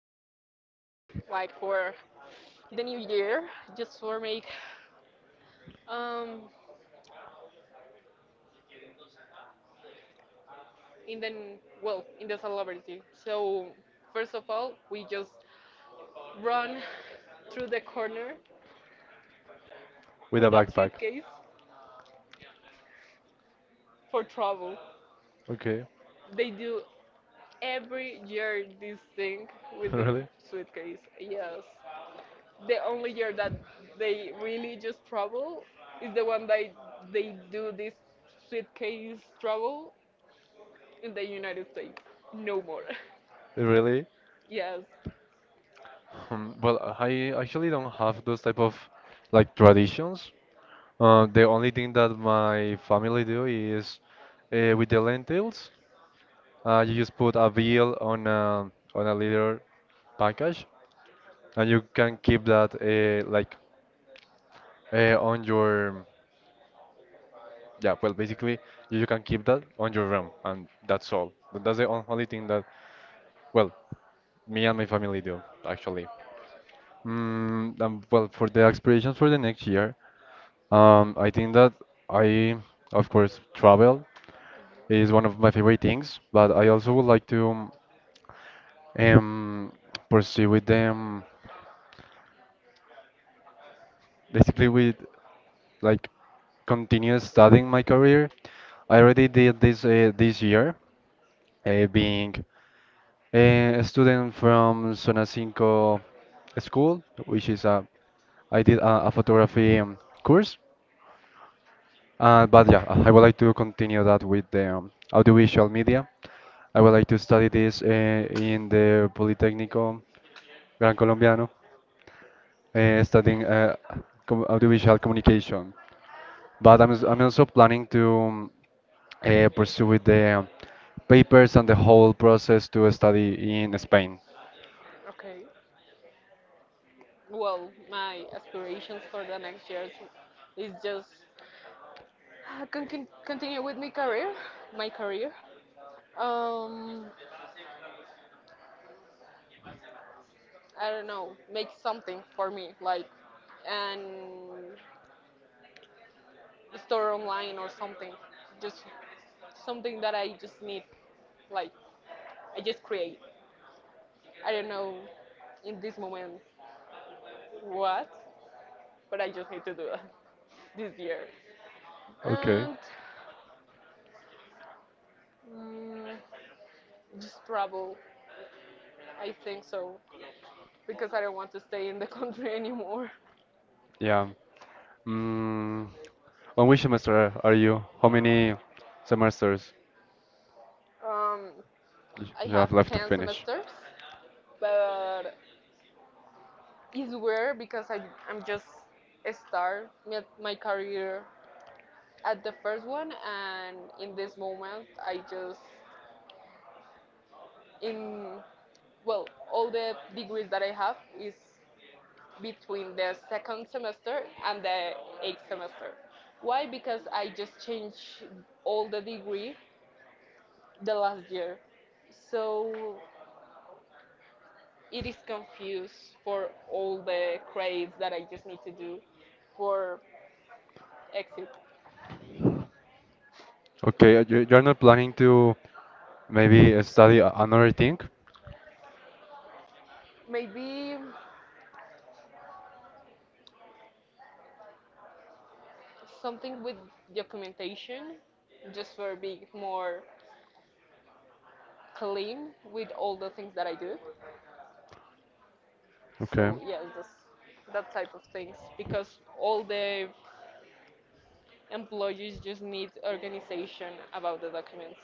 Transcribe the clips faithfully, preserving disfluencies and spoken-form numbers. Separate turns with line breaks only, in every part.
Like for the new year, just for make um in the n- well in the celebrity. So first of all, we just run through the corner
with a
with a
backpack?
suitcase for travel.
Okay,
They do every year this thing with the
really,
suitcase. Yes, the only year that they really just travel is the one that they do this suitcase travel in the United States. No more.
really.
Yes.
Um, well, I actually don't have those type of like traditions. Uh, the only thing that my family do is uh, with the lentils. Uh, you just put a bill on a on a leader package, and you can keep that uh, like uh, on your yeah. Well, basically, you, you can keep that on your RAM, and that's all. Th- That's the on- only thing that well, me and my family do actually. Mm, um, well, for the aspirations for the next year, um, I think that I, of course, travel is one of my favorite things, but I also would like to um pursue with them basically with like continue studying my career. I already did this uh, this year, uh, being a student from Zona Cinco school, which is a I did a, a photography um, course. Uh, but yeah, I would like to continue that with the um, audiovisual media. I would like to study this uh, in the Politécnico Gran Colombiano, uh, studying uh, com audiovisual communication. But I'm, s- I'm also planning to um, uh, pursue with the papers and the whole process to study in Spain.
Okay. Well, my aspirations for the next years is just con- con- continue with my career, my career. Um, I don't know, make something for me, like and store online or something. Just something that I just need like I just create. I don't know in this moment what, but I just need to do that this year.
Okay.
And mm, just travel, I think so, because I don't want to stay in the country anymore.
Yeah. Mm, on which semester are you? How many semesters
Um,
y-
I
you
have
have left to
ten
finish?
semesters, but it's weird because I, I'm just start my- my career at the first one, and in this moment, I just in well all the degrees that I have is between the second semester and the eighth semester. Why? Because I just changed all the degree the last year. So it is confused for all the credits that I just need to do for exit.
Okay, uh, you, you're not planning to maybe uh, study a- another thing?
Maybe something with documentation just for being more clean with all the things that I do.
Okay.
So yes, that's that type of things because all the Employees just need organization about the documents.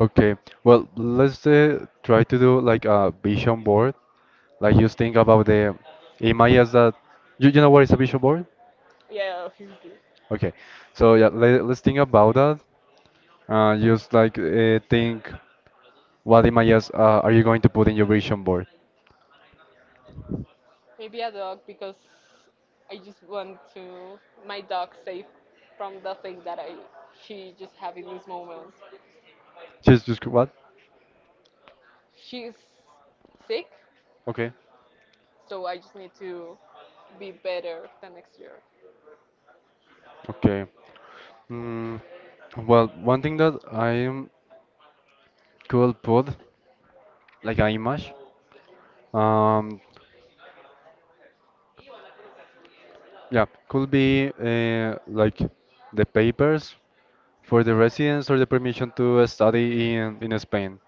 Okay, well, let's uh, try to do like a vision board. Like you think about the images that you, you know what is a vision board?
Yeah, obviously.
Okay, so yeah, let, us think about that. Uh, just like uh, think what images uh, are you going to put in your vision board?
Maybe a dog because I just want to my dog safe from the thing that I she just have in this moment.
Just just what?
She's sick,
Okay,
so I just need to be better the next year.
okay. Mm, well, one thing that I could put like an image, um, yeah, could be uh, like the papers for the residents or the permission to study in in Spain.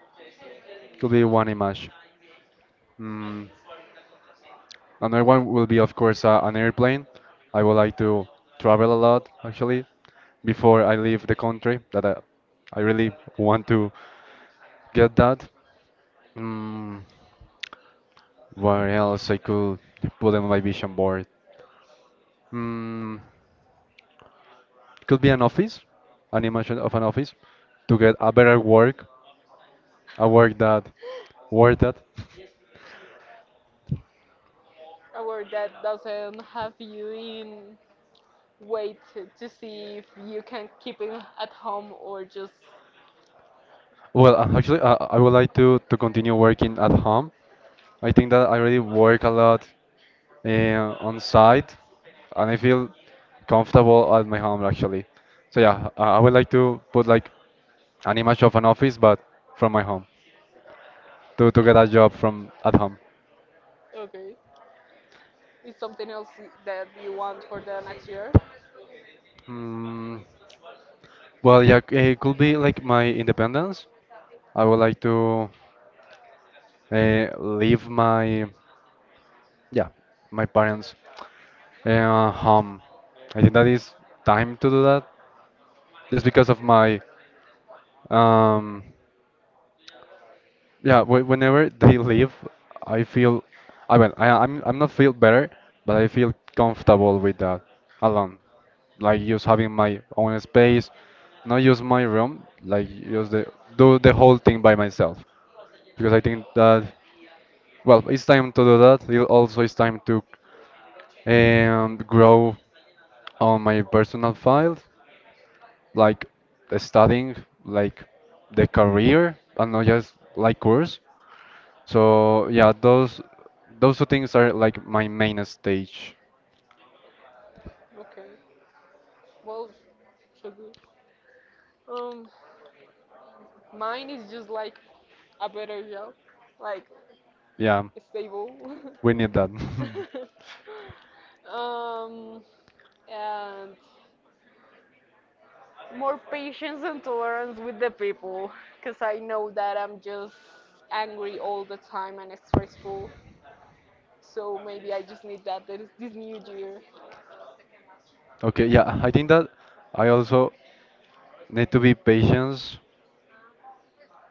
Could be one image. Mm, another one will be, of course, uh, an airplane. I would like to travel a lot, actually, before I leave the country. That I, I really want to get that. Mm, where else I could put on my vision board? Mm, could be an office, an image of an office, to get a better work, a work that worth it.
A word that doesn't have you in wait to see if you can keep it at home or just
Well, uh, actually, uh, I would like to to continue working at home. I think that I really work a lot uh, on site, and I feel comfortable at my home actually. So yeah, uh, I would like to put like an image of an office, but from my home to to get a job from at home.
okay. Is something else that you want for the next year?
Mm, well, yeah, it could be like my independence. I would like to uh, leave my yeah my parents uh, home. I think that is time to do that, just because of my um Yeah, whe- whenever they leave, I feel, I mean, I, I'm I'm not feel better, but I feel comfortable with that alone. Like just having my own space, not just my room, like just the, do the whole thing by myself. Because I think that, well, it's time to do that. It also it's time to um, grow on my personal files, like studying, like the career, and not just like course. So yeah, those those two things are like my main stage.
Okay. Well, so good. Um, mine is just like a better job, like
Yeah,
stable,
we need that.
um, and more patience and tolerance with the people, because I know that I'm just angry all the time and stressful. So maybe I just need that this, this new year.
Okay, yeah, I think that I also need to be patient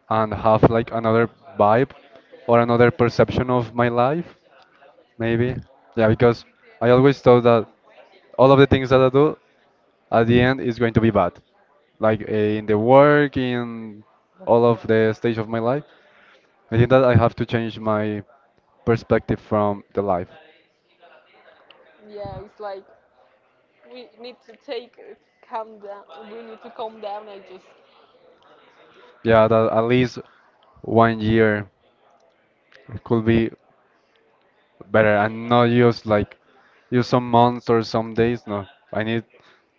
and have like another vibe or another perception of my life, maybe. Yeah, because I always thought that all of the things that I do at the end is going to be bad, like eh, in the work, in all of the stage of my life. I think that I have to change my perspective from the life.
Yeah, it's like we need to take uh, calm down, we need to calm down I just
Yeah, that at least one year could be better and not just like use some months or some days. No, I need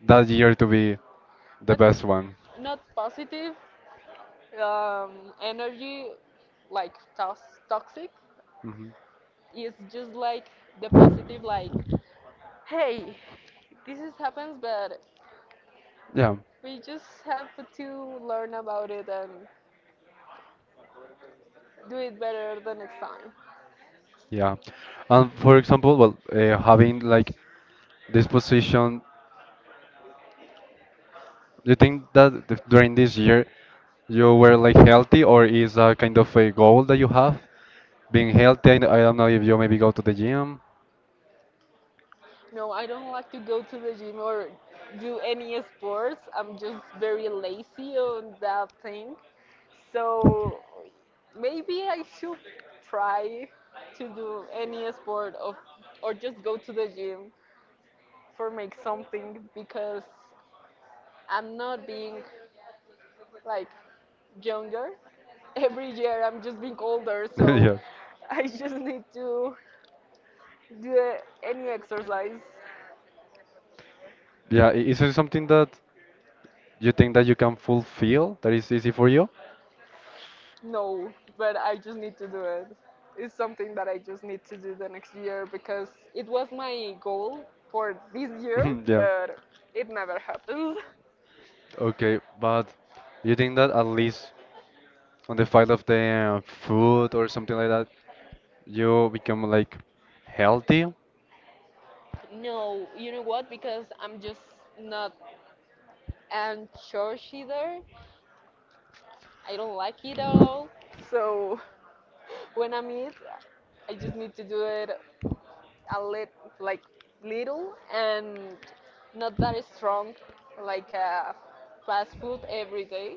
that year to be the
but
best one.
not positive, um, energy like tos- toxic.
Hmm.
It's just like the positive like hey this is happens but
Yeah,
we just have to learn about it and do it better the next time.
yeah. And for example, well, uh, having like this position, do you think that th- during this year you were like healthy, or is a kind of a goal that you have? Being healthy, I, I don't know if you maybe go to the gym.
No I don't like to go to the gym or do any sports, I'm just very lazy on that thing. So maybe I should try to do any sport of or just go to the gym for make something because I'm not being like younger. Every year I'm just being older, so
Yeah.
I just need to do any exercise.
Yeah, i- is it something that you think that you can fulfill that is easy for you?
No, but I just need to do it. It's something that I just need to do the next year because it was my goal for this year,
Yeah.
but it never happens.
Okay, but you think that at least on the fight of the uh, food or something like that, you become like healthy.
No, you know what? Because I'm just not an church either. I don't like it at all. So when I'm it, I just need to do it a lit like little and not that strong, like uh, fast food every day.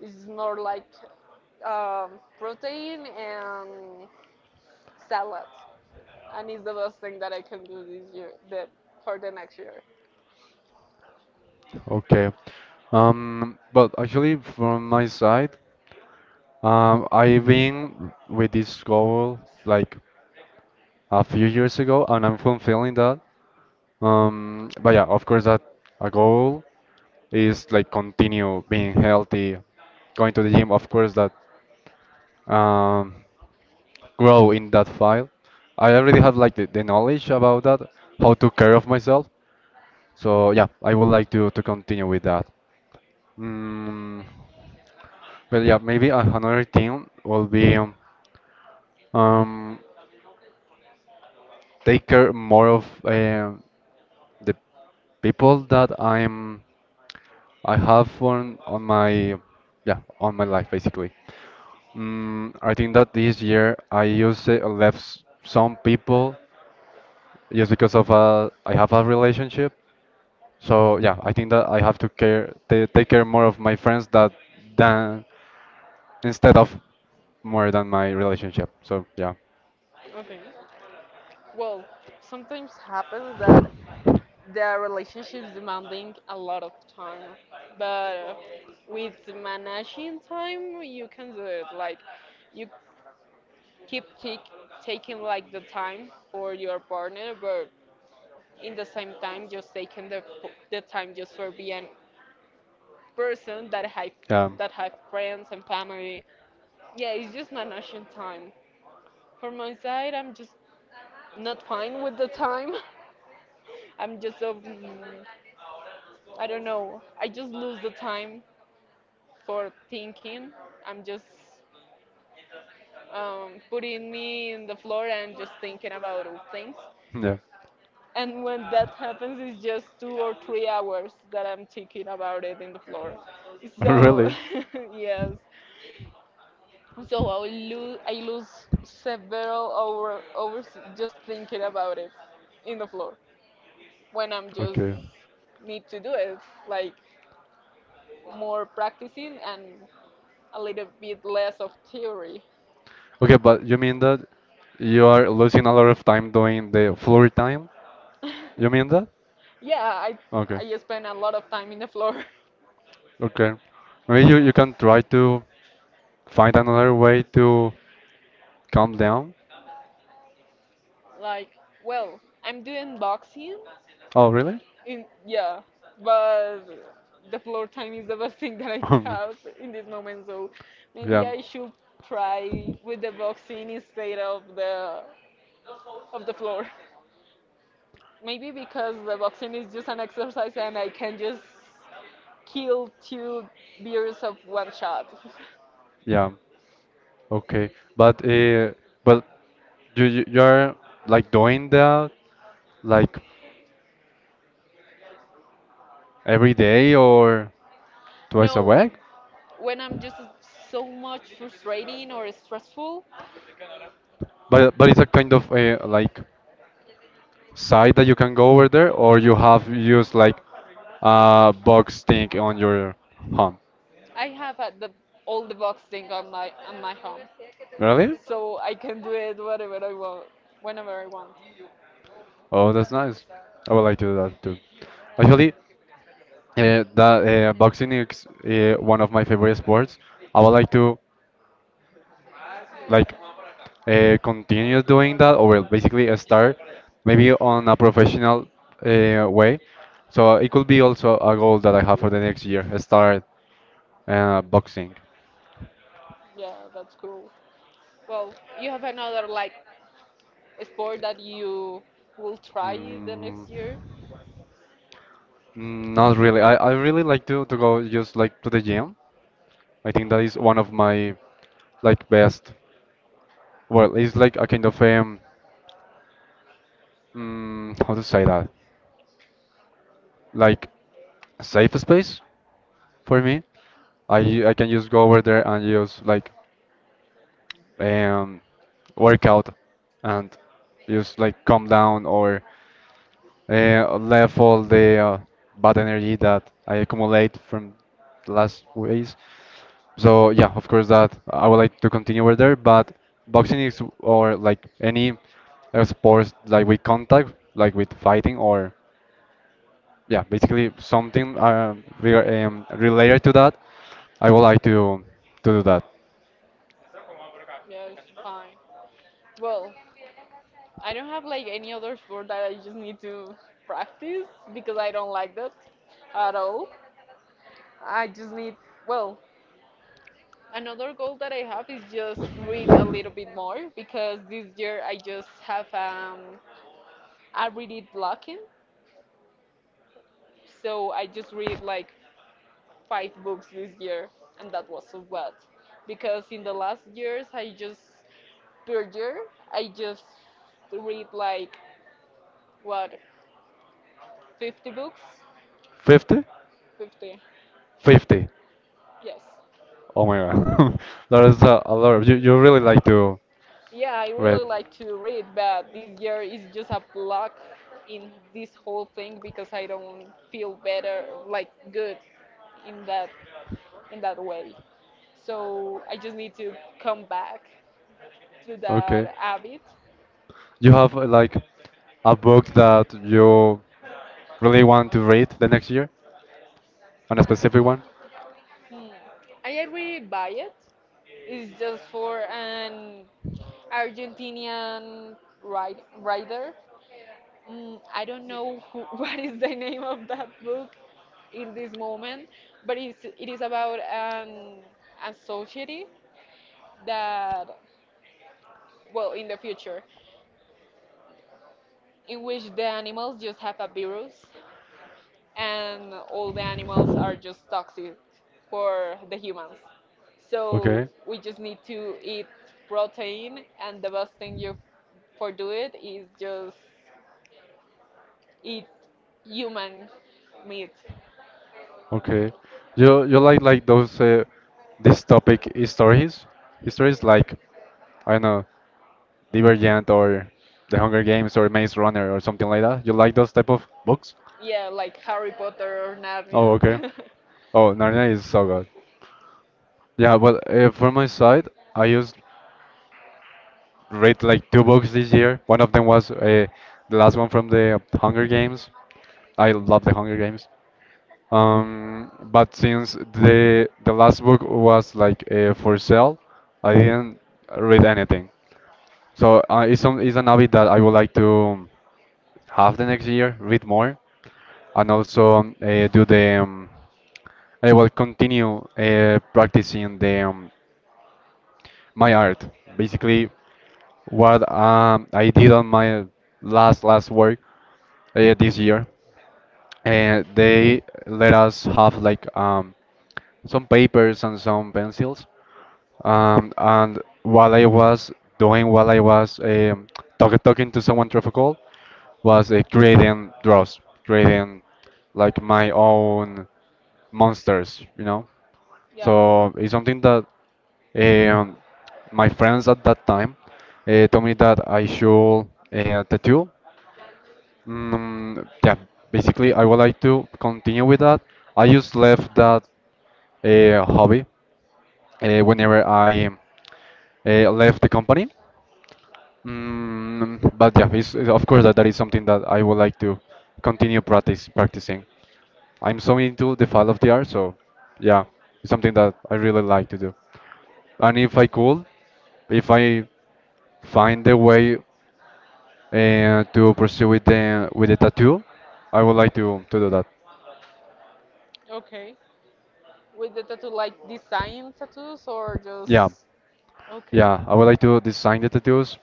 It's more like um, protein and salad, and it's the best thing that I can do this year. The for the next year.
Okay. Um, but actually, from my side, um, I've been with this goal like a few years ago, and I'm fulfilling that. Um, but yeah, of course, that a goal is like continue being healthy, going to the gym. Of course, that um, grow in that file. I already have like the, the knowledge about that, how to care of myself. So yeah, I would like to to continue with that. Mm, but yeah, maybe a- another thing will be um, um, take care more of uh, the people that I'm I have on on my yeah on my life basically. Mm, I think that this year I used to left s- some people just because of uh, I have a relationship. So yeah, I think that I have to care ta take care more of my friends that than instead of more than my relationship. So yeah.
Okay. Well, sometimes happens that the relationship's demanding a lot of time, but with managing time, you can do it. Like you keep take, taking like the time for your partner, but in the same time, just taking the the time just for being person that have
Yeah.
that have friends and family. Yeah, it's just managing time. For my side, I'm just not fine with the time. I'm just so mm, I don't know. I just lose the time for thinking. I'm just um, putting me in the floor and just thinking about all things.
Yeah.
And when that happens, it's just two or three hours that I'm thinking about it in the floor. So
Really?
yes, so I will lose I lose several hour, hours just thinking about it in the floor when I'm just
Okay.
need to do it like more practicing and a little bit less of theory.
Okay, but you mean that you are losing a lot of time doing the floor time? You mean that?
Yeah, I
Okay.
I spend a lot of time in the floor.
Okay. Maybe you, you can try to find another way to calm down.
Like, well, I'm doing boxing.
Oh, really?
In yeah, but the floor time is the best thing that I have in this moment. So maybe
Yeah.
I should try with the boxing instead of the of the floor. Maybe because the boxing is just an exercise and I can just kill two beers of one shot.
Yeah. Okay. But uh, but you you you're like doing that like every day or twice a
No,
week?
when I'm just so much frustrating or stressful,
But but it's a kind of a like site that you can go over there, or you have used like a box thing on your home.
I have uh, the all the boxing on my on my home.
Really?
So I can do it whatever I want, whenever I want.
Oh, that's nice. I would like to do that too. Actually, uh, that uh, boxing is uh, one of my favorite sports. I would like to. Like uh, continue doing that or basically uh, start maybe on a professional uh, way. So it could be also a goal that I have for the next year, uh, start uh, boxing.
Yeah, that's cool. Well, you have another like sport that you will try the
Mm,
next year?
not really. I, I really like to, to go just like to the gym. I think that is one of my like best. Well, it's like a kind of um, mm, how to say that? Like safe space for me. I I can just go over there and just like um work out and just like calm down or uh, left all the uh, bad energy that I accumulate from the last ways. So yeah, of course that I would like to continue over there, but boxing is or like any uh, sports like with contact, like with fighting or yeah, basically something um, re- um, related to that. I would like to to do that.
Yeah, it's fine. Well, I don't have like any other sport that I just need to practice because I don't like that at all. I just need, well, another goal that I have is just read a little bit more because this year I just have um, a reading blocking. So I just read like five books this year, and that was so bad because in the last years I just per year I just read like what fifty books,
fifty?
fifty.
fifty.
Yes.
Oh my god. That is a, a lot. You, you really like to
Yeah, I
read.
really like to read, but this year is just a block in this whole thing because I don't feel better, like good, in that in that way. So I just need to come back to that
Okay.
habit.
You have uh, like a book that you really want to read the next year, on a specific one?
Hmm. I already buy it. It's just for an Argentinian ride, writer. Mm, I don't know who, what is the name of that book in this moment, but it's, it is about an, a society that, well, in the future, in which the animals just have a virus and all the animals are just toxic for the humans. So
Okay.
we just need to eat protein, and the best thing you for do it is just eat human meat.
Okay. You you like like those uh, this topic stories? Histories like I don't know, Divergent or The Hunger Games or Maze Runner or something like that. You like those type of books?
Yeah, like Harry Potter or
Oh,
Narnia.
okay. Oh, Narnia is so good. Yeah, but uh, for my side, I used read like two books this year. One of them was uh, the last one from the Hunger Games. I love the Hunger Games. Um, but since the the last book was like uh, for sale, I didn't read anything. So uh, it's some it's an habit that I would like to have the next year, read more, and also um, uh, do the um, I will continue uh, practicing the um, my art. Basically, what um, I did on my last last work uh, this year, and they let us have like um, some papers and some pencils. Um, and while I was doing, while I was um, talk, talking to someone through a call, was uh, creating draws, creating like my own monsters, you know.
Yeah.
So it's something that um, my friends at that time uh, told me that I should uh, tattoo. Mm, yeah, basically, I would like to continue with that. I just left that uh, hobby uh, whenever I uh, left the company. Mm, but yeah, it's, it's- of course that, that is something that I would like to continue practice practicing. I'm so into the file of the art, so yeah, it's something that I really like to do. And if I could, if I find a way uh, to pursue with the with the tattoo, I would like to to do that.
Okay. With the tattoo, like design tattoos or
Yeah,
just okay
yeah, I would like to design the tattoos,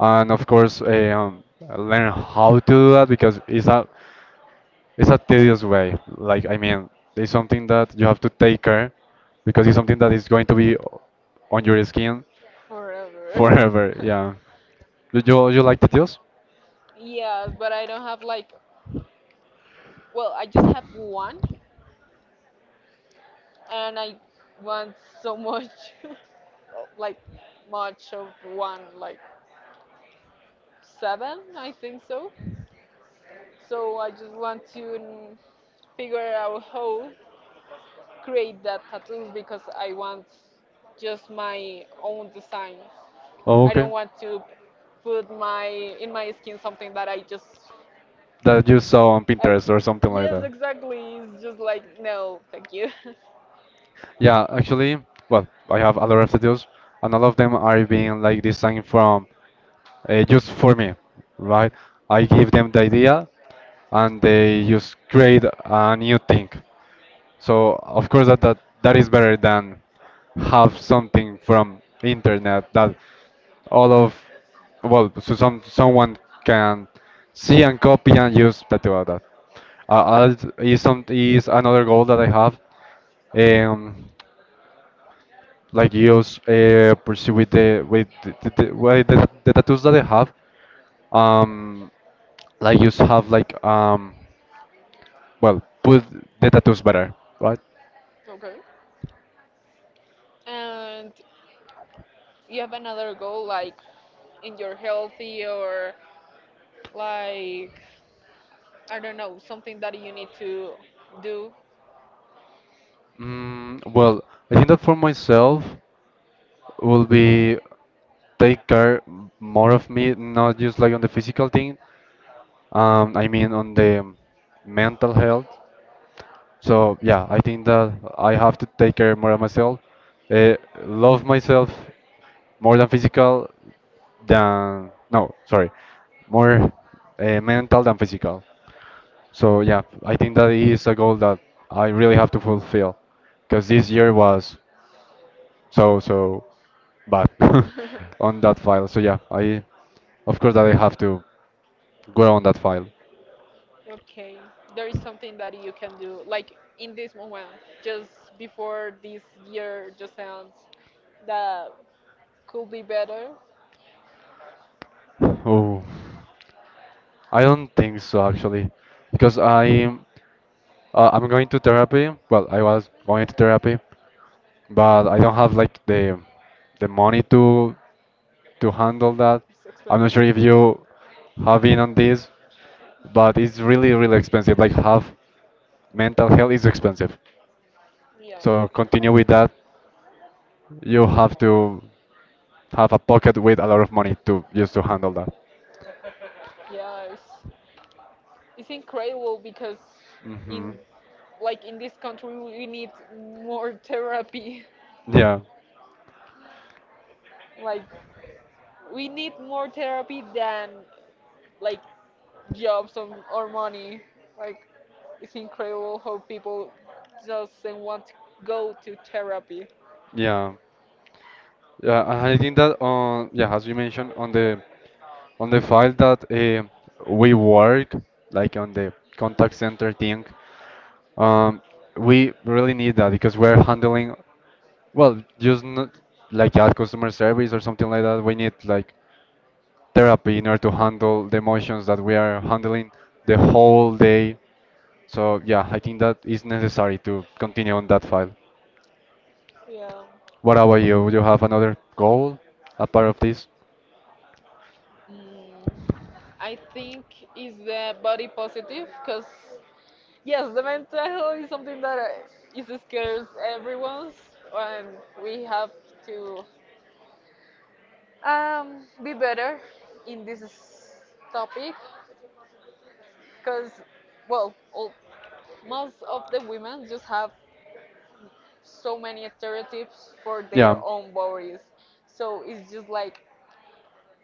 and of course, eh, um, learn how to do that because it's a it's a tedious way. Like I mean, it's something that you have to take care because it's something that is going to be on your skin
forever.
forever. Yeah, do you you like tattoos?
Yes, but I don't have like, well, I just have one, and I want so much, like much of one, like seven, I think so. So I just want to mm, figure out how create that tattoos because I want just my own designs.
Oh,
I don't
okay.
want to put my in my skin something that I just
That you saw on
ex-
Pinterest or something like
yes
that.
exactly it's just like no thank you.
Yeah, actually, well, I have a lot of tattoos, and all of them are being like designed from uh, just for me, right? I give them the idea, and they just create a new thing. So of course that that, that is better than have something from internet that all of well so some someone can see and copy and use that about that. Uh, I'll- is some is another goal that I have um, like use uh, pursue with the with the, the, the, with the, the tattoos that they have um like you have like um well put the tattoos better, right?
Okay, and you have another goal like in your healthy or like I don't know something that you need to do.
mm, well, I think that for myself will be take care more of me, not just like on the physical thing. um I mean, on the mental health. So yeah, I think that I have to take care more of myself, uh, love myself more than physical, than no, sorry, more uh, mental than physical. So yeah, I think that is a goal that I really have to fulfill because this year was so so bad. On that file. So yeah, I of course that I have to go on that file.
Okay, there is something that you can do like in this moment, just before this year just ends, that could be better.
Oh. I don't think so actually, because I uh, I'm going to therapy. Well, I was going to therapy, but I don't have like the the money to to handle that.
It's
I'm not
expensive.
sure if you have been on this, but it's really really expensive. Like half mental health is expensive.
Yeah,
So continue with that. You have to have a pocket with a lot of money to just to handle that.
yeah, it's It's incredible because
Hmm.
in like in this country we need more therapy.
Yeah,
Like we need more therapy than like jobs or, or money. Like it's incredible how people doesn't want to go to therapy.
yeah. Yeah, and I think that on yeah, as you mentioned on the on the file that uh, we work like on the contact center thing, um, we really need that because we're handling well, just not like at customer service or something like that. We need like therapy in order to handle the emotions that we are handling the whole day. So yeah, I think that is necessary to continue on that file.
Yeah.
What about you? Do you have another goal apart of this?
Mm, I think is the body positive because yes, the mental health is something that uh, is scares everyone, and we have to Um, be better in this topic because, well, all, most of the women just have so many stereotypes for
Yeah.
their own bodies. So it's just like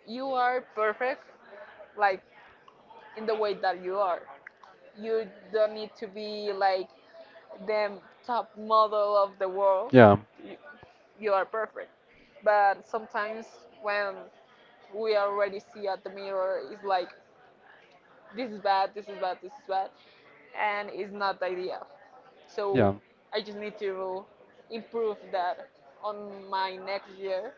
you are perfect, like in the way that you are. You don't need to be like the top model of the world.
Yeah.
You, you are perfect. But sometimes when we already see at the mirror, it's like this is bad, this is bad, this is bad, and it's not the idea. So
Yeah.
I just need to improve that on my next year.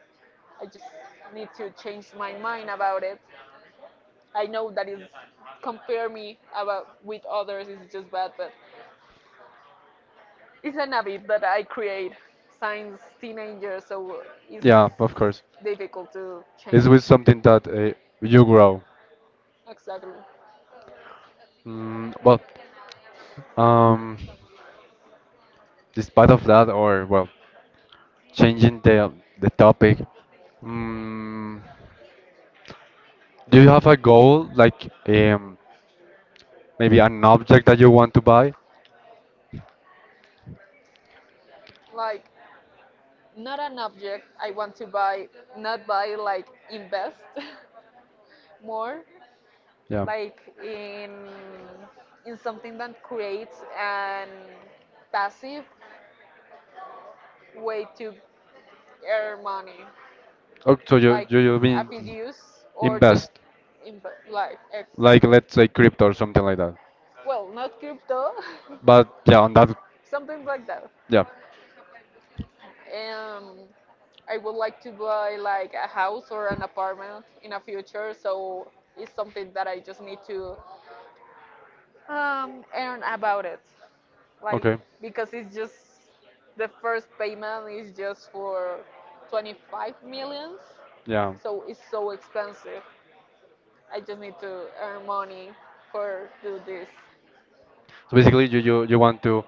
I just need to change my mind about it. I know that is compare me about with others is just bad, but it's an habit that I create since teenager, so it's
Yeah, of course.
difficult to
It's
change it.
with something that uh, you grow.
Exactly.
Mm, well, um, despite of that, or well, changing the the topic. Mm, do you have a goal, like um, maybe an object that you want to buy?
Like not an object I want to buy, not buy like invest more,
Yeah.
like in in something that creates an passive way to earn money,
Oh, so you
like
you you
a
mean
fiduce or just
invest,
inv- like
like
exactly.
let's say crypto or something like that.
Well, not crypto,
But yeah, on that,
something like that.
yeah.
Um, I would like to buy like a house or an apartment in a future, so it's something that I just need to, Um, and about it, like
Okay.
because it's just the first payment is just for twenty-five millions,
Yeah.
so it's so expensive. I just need to earn money for do this
So basically, you, you you want to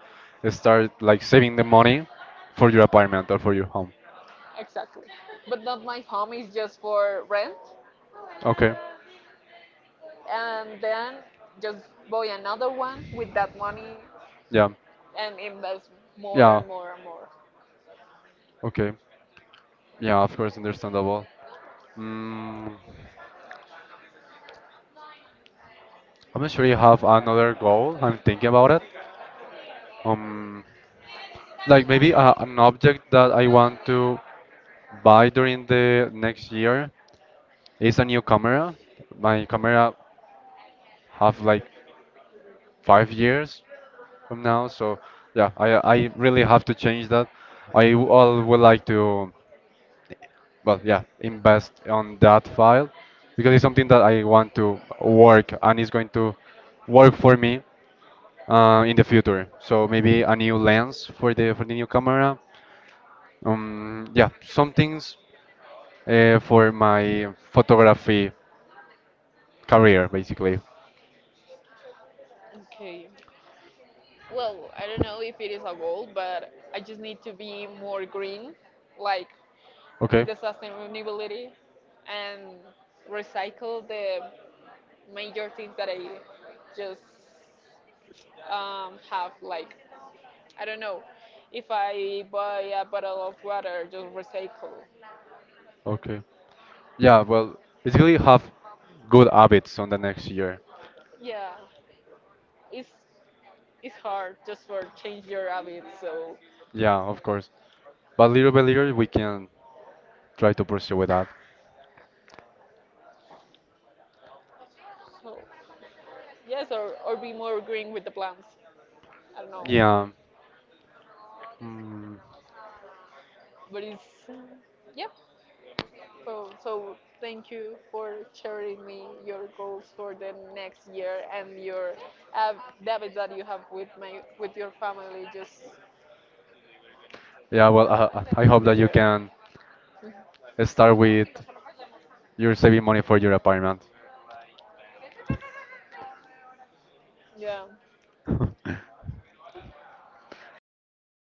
start like saving the money for your apartment or for your home.
exactly. But not my home is just for rent,
Okay.
and then just buy another one with that money
Yeah.
and invest more
Yeah.
and more and more.
Okay. Yeah. Of course, understandable. Mm, I'm not sure you have another goal. I'm thinking about it. Um, like maybe uh, an object that I want to buy during the next year. It's a new camera. My camera have like five years from now, so yeah, I I really have to change that. I w- all would like to, well, yeah, invest on that file because it's something that I want to work and it's going to work for me uh, in the future. So maybe a new lens for the for the new camera. Um, yeah, some things uh, for my photography career basically.
Okay. Well, I don't know if it is a goal, but I just need to be more green, like with
Okay.
the sustainability and recycle the major things that I just um, have. Like, I don't know, if I buy a bottle of water, just recycle.
Okay. Yeah, well, basically have good habits on the next year.
Yeah, it's it's hard just for change your habits. So,
Yeah, of course. But little by little, we can try to pursue with that.
so yes, or, or be more green with the plants. I don't know,
Yeah. Mm.
but it's yeah. Cool. So thank you for sharing me your goals for the next year and your uh, habits that you have with my with your family just
Yeah,
in
well,
the
I, I I
in
hope that
this
you
year.
can start with, you're saving money for your apartment.
Yeah.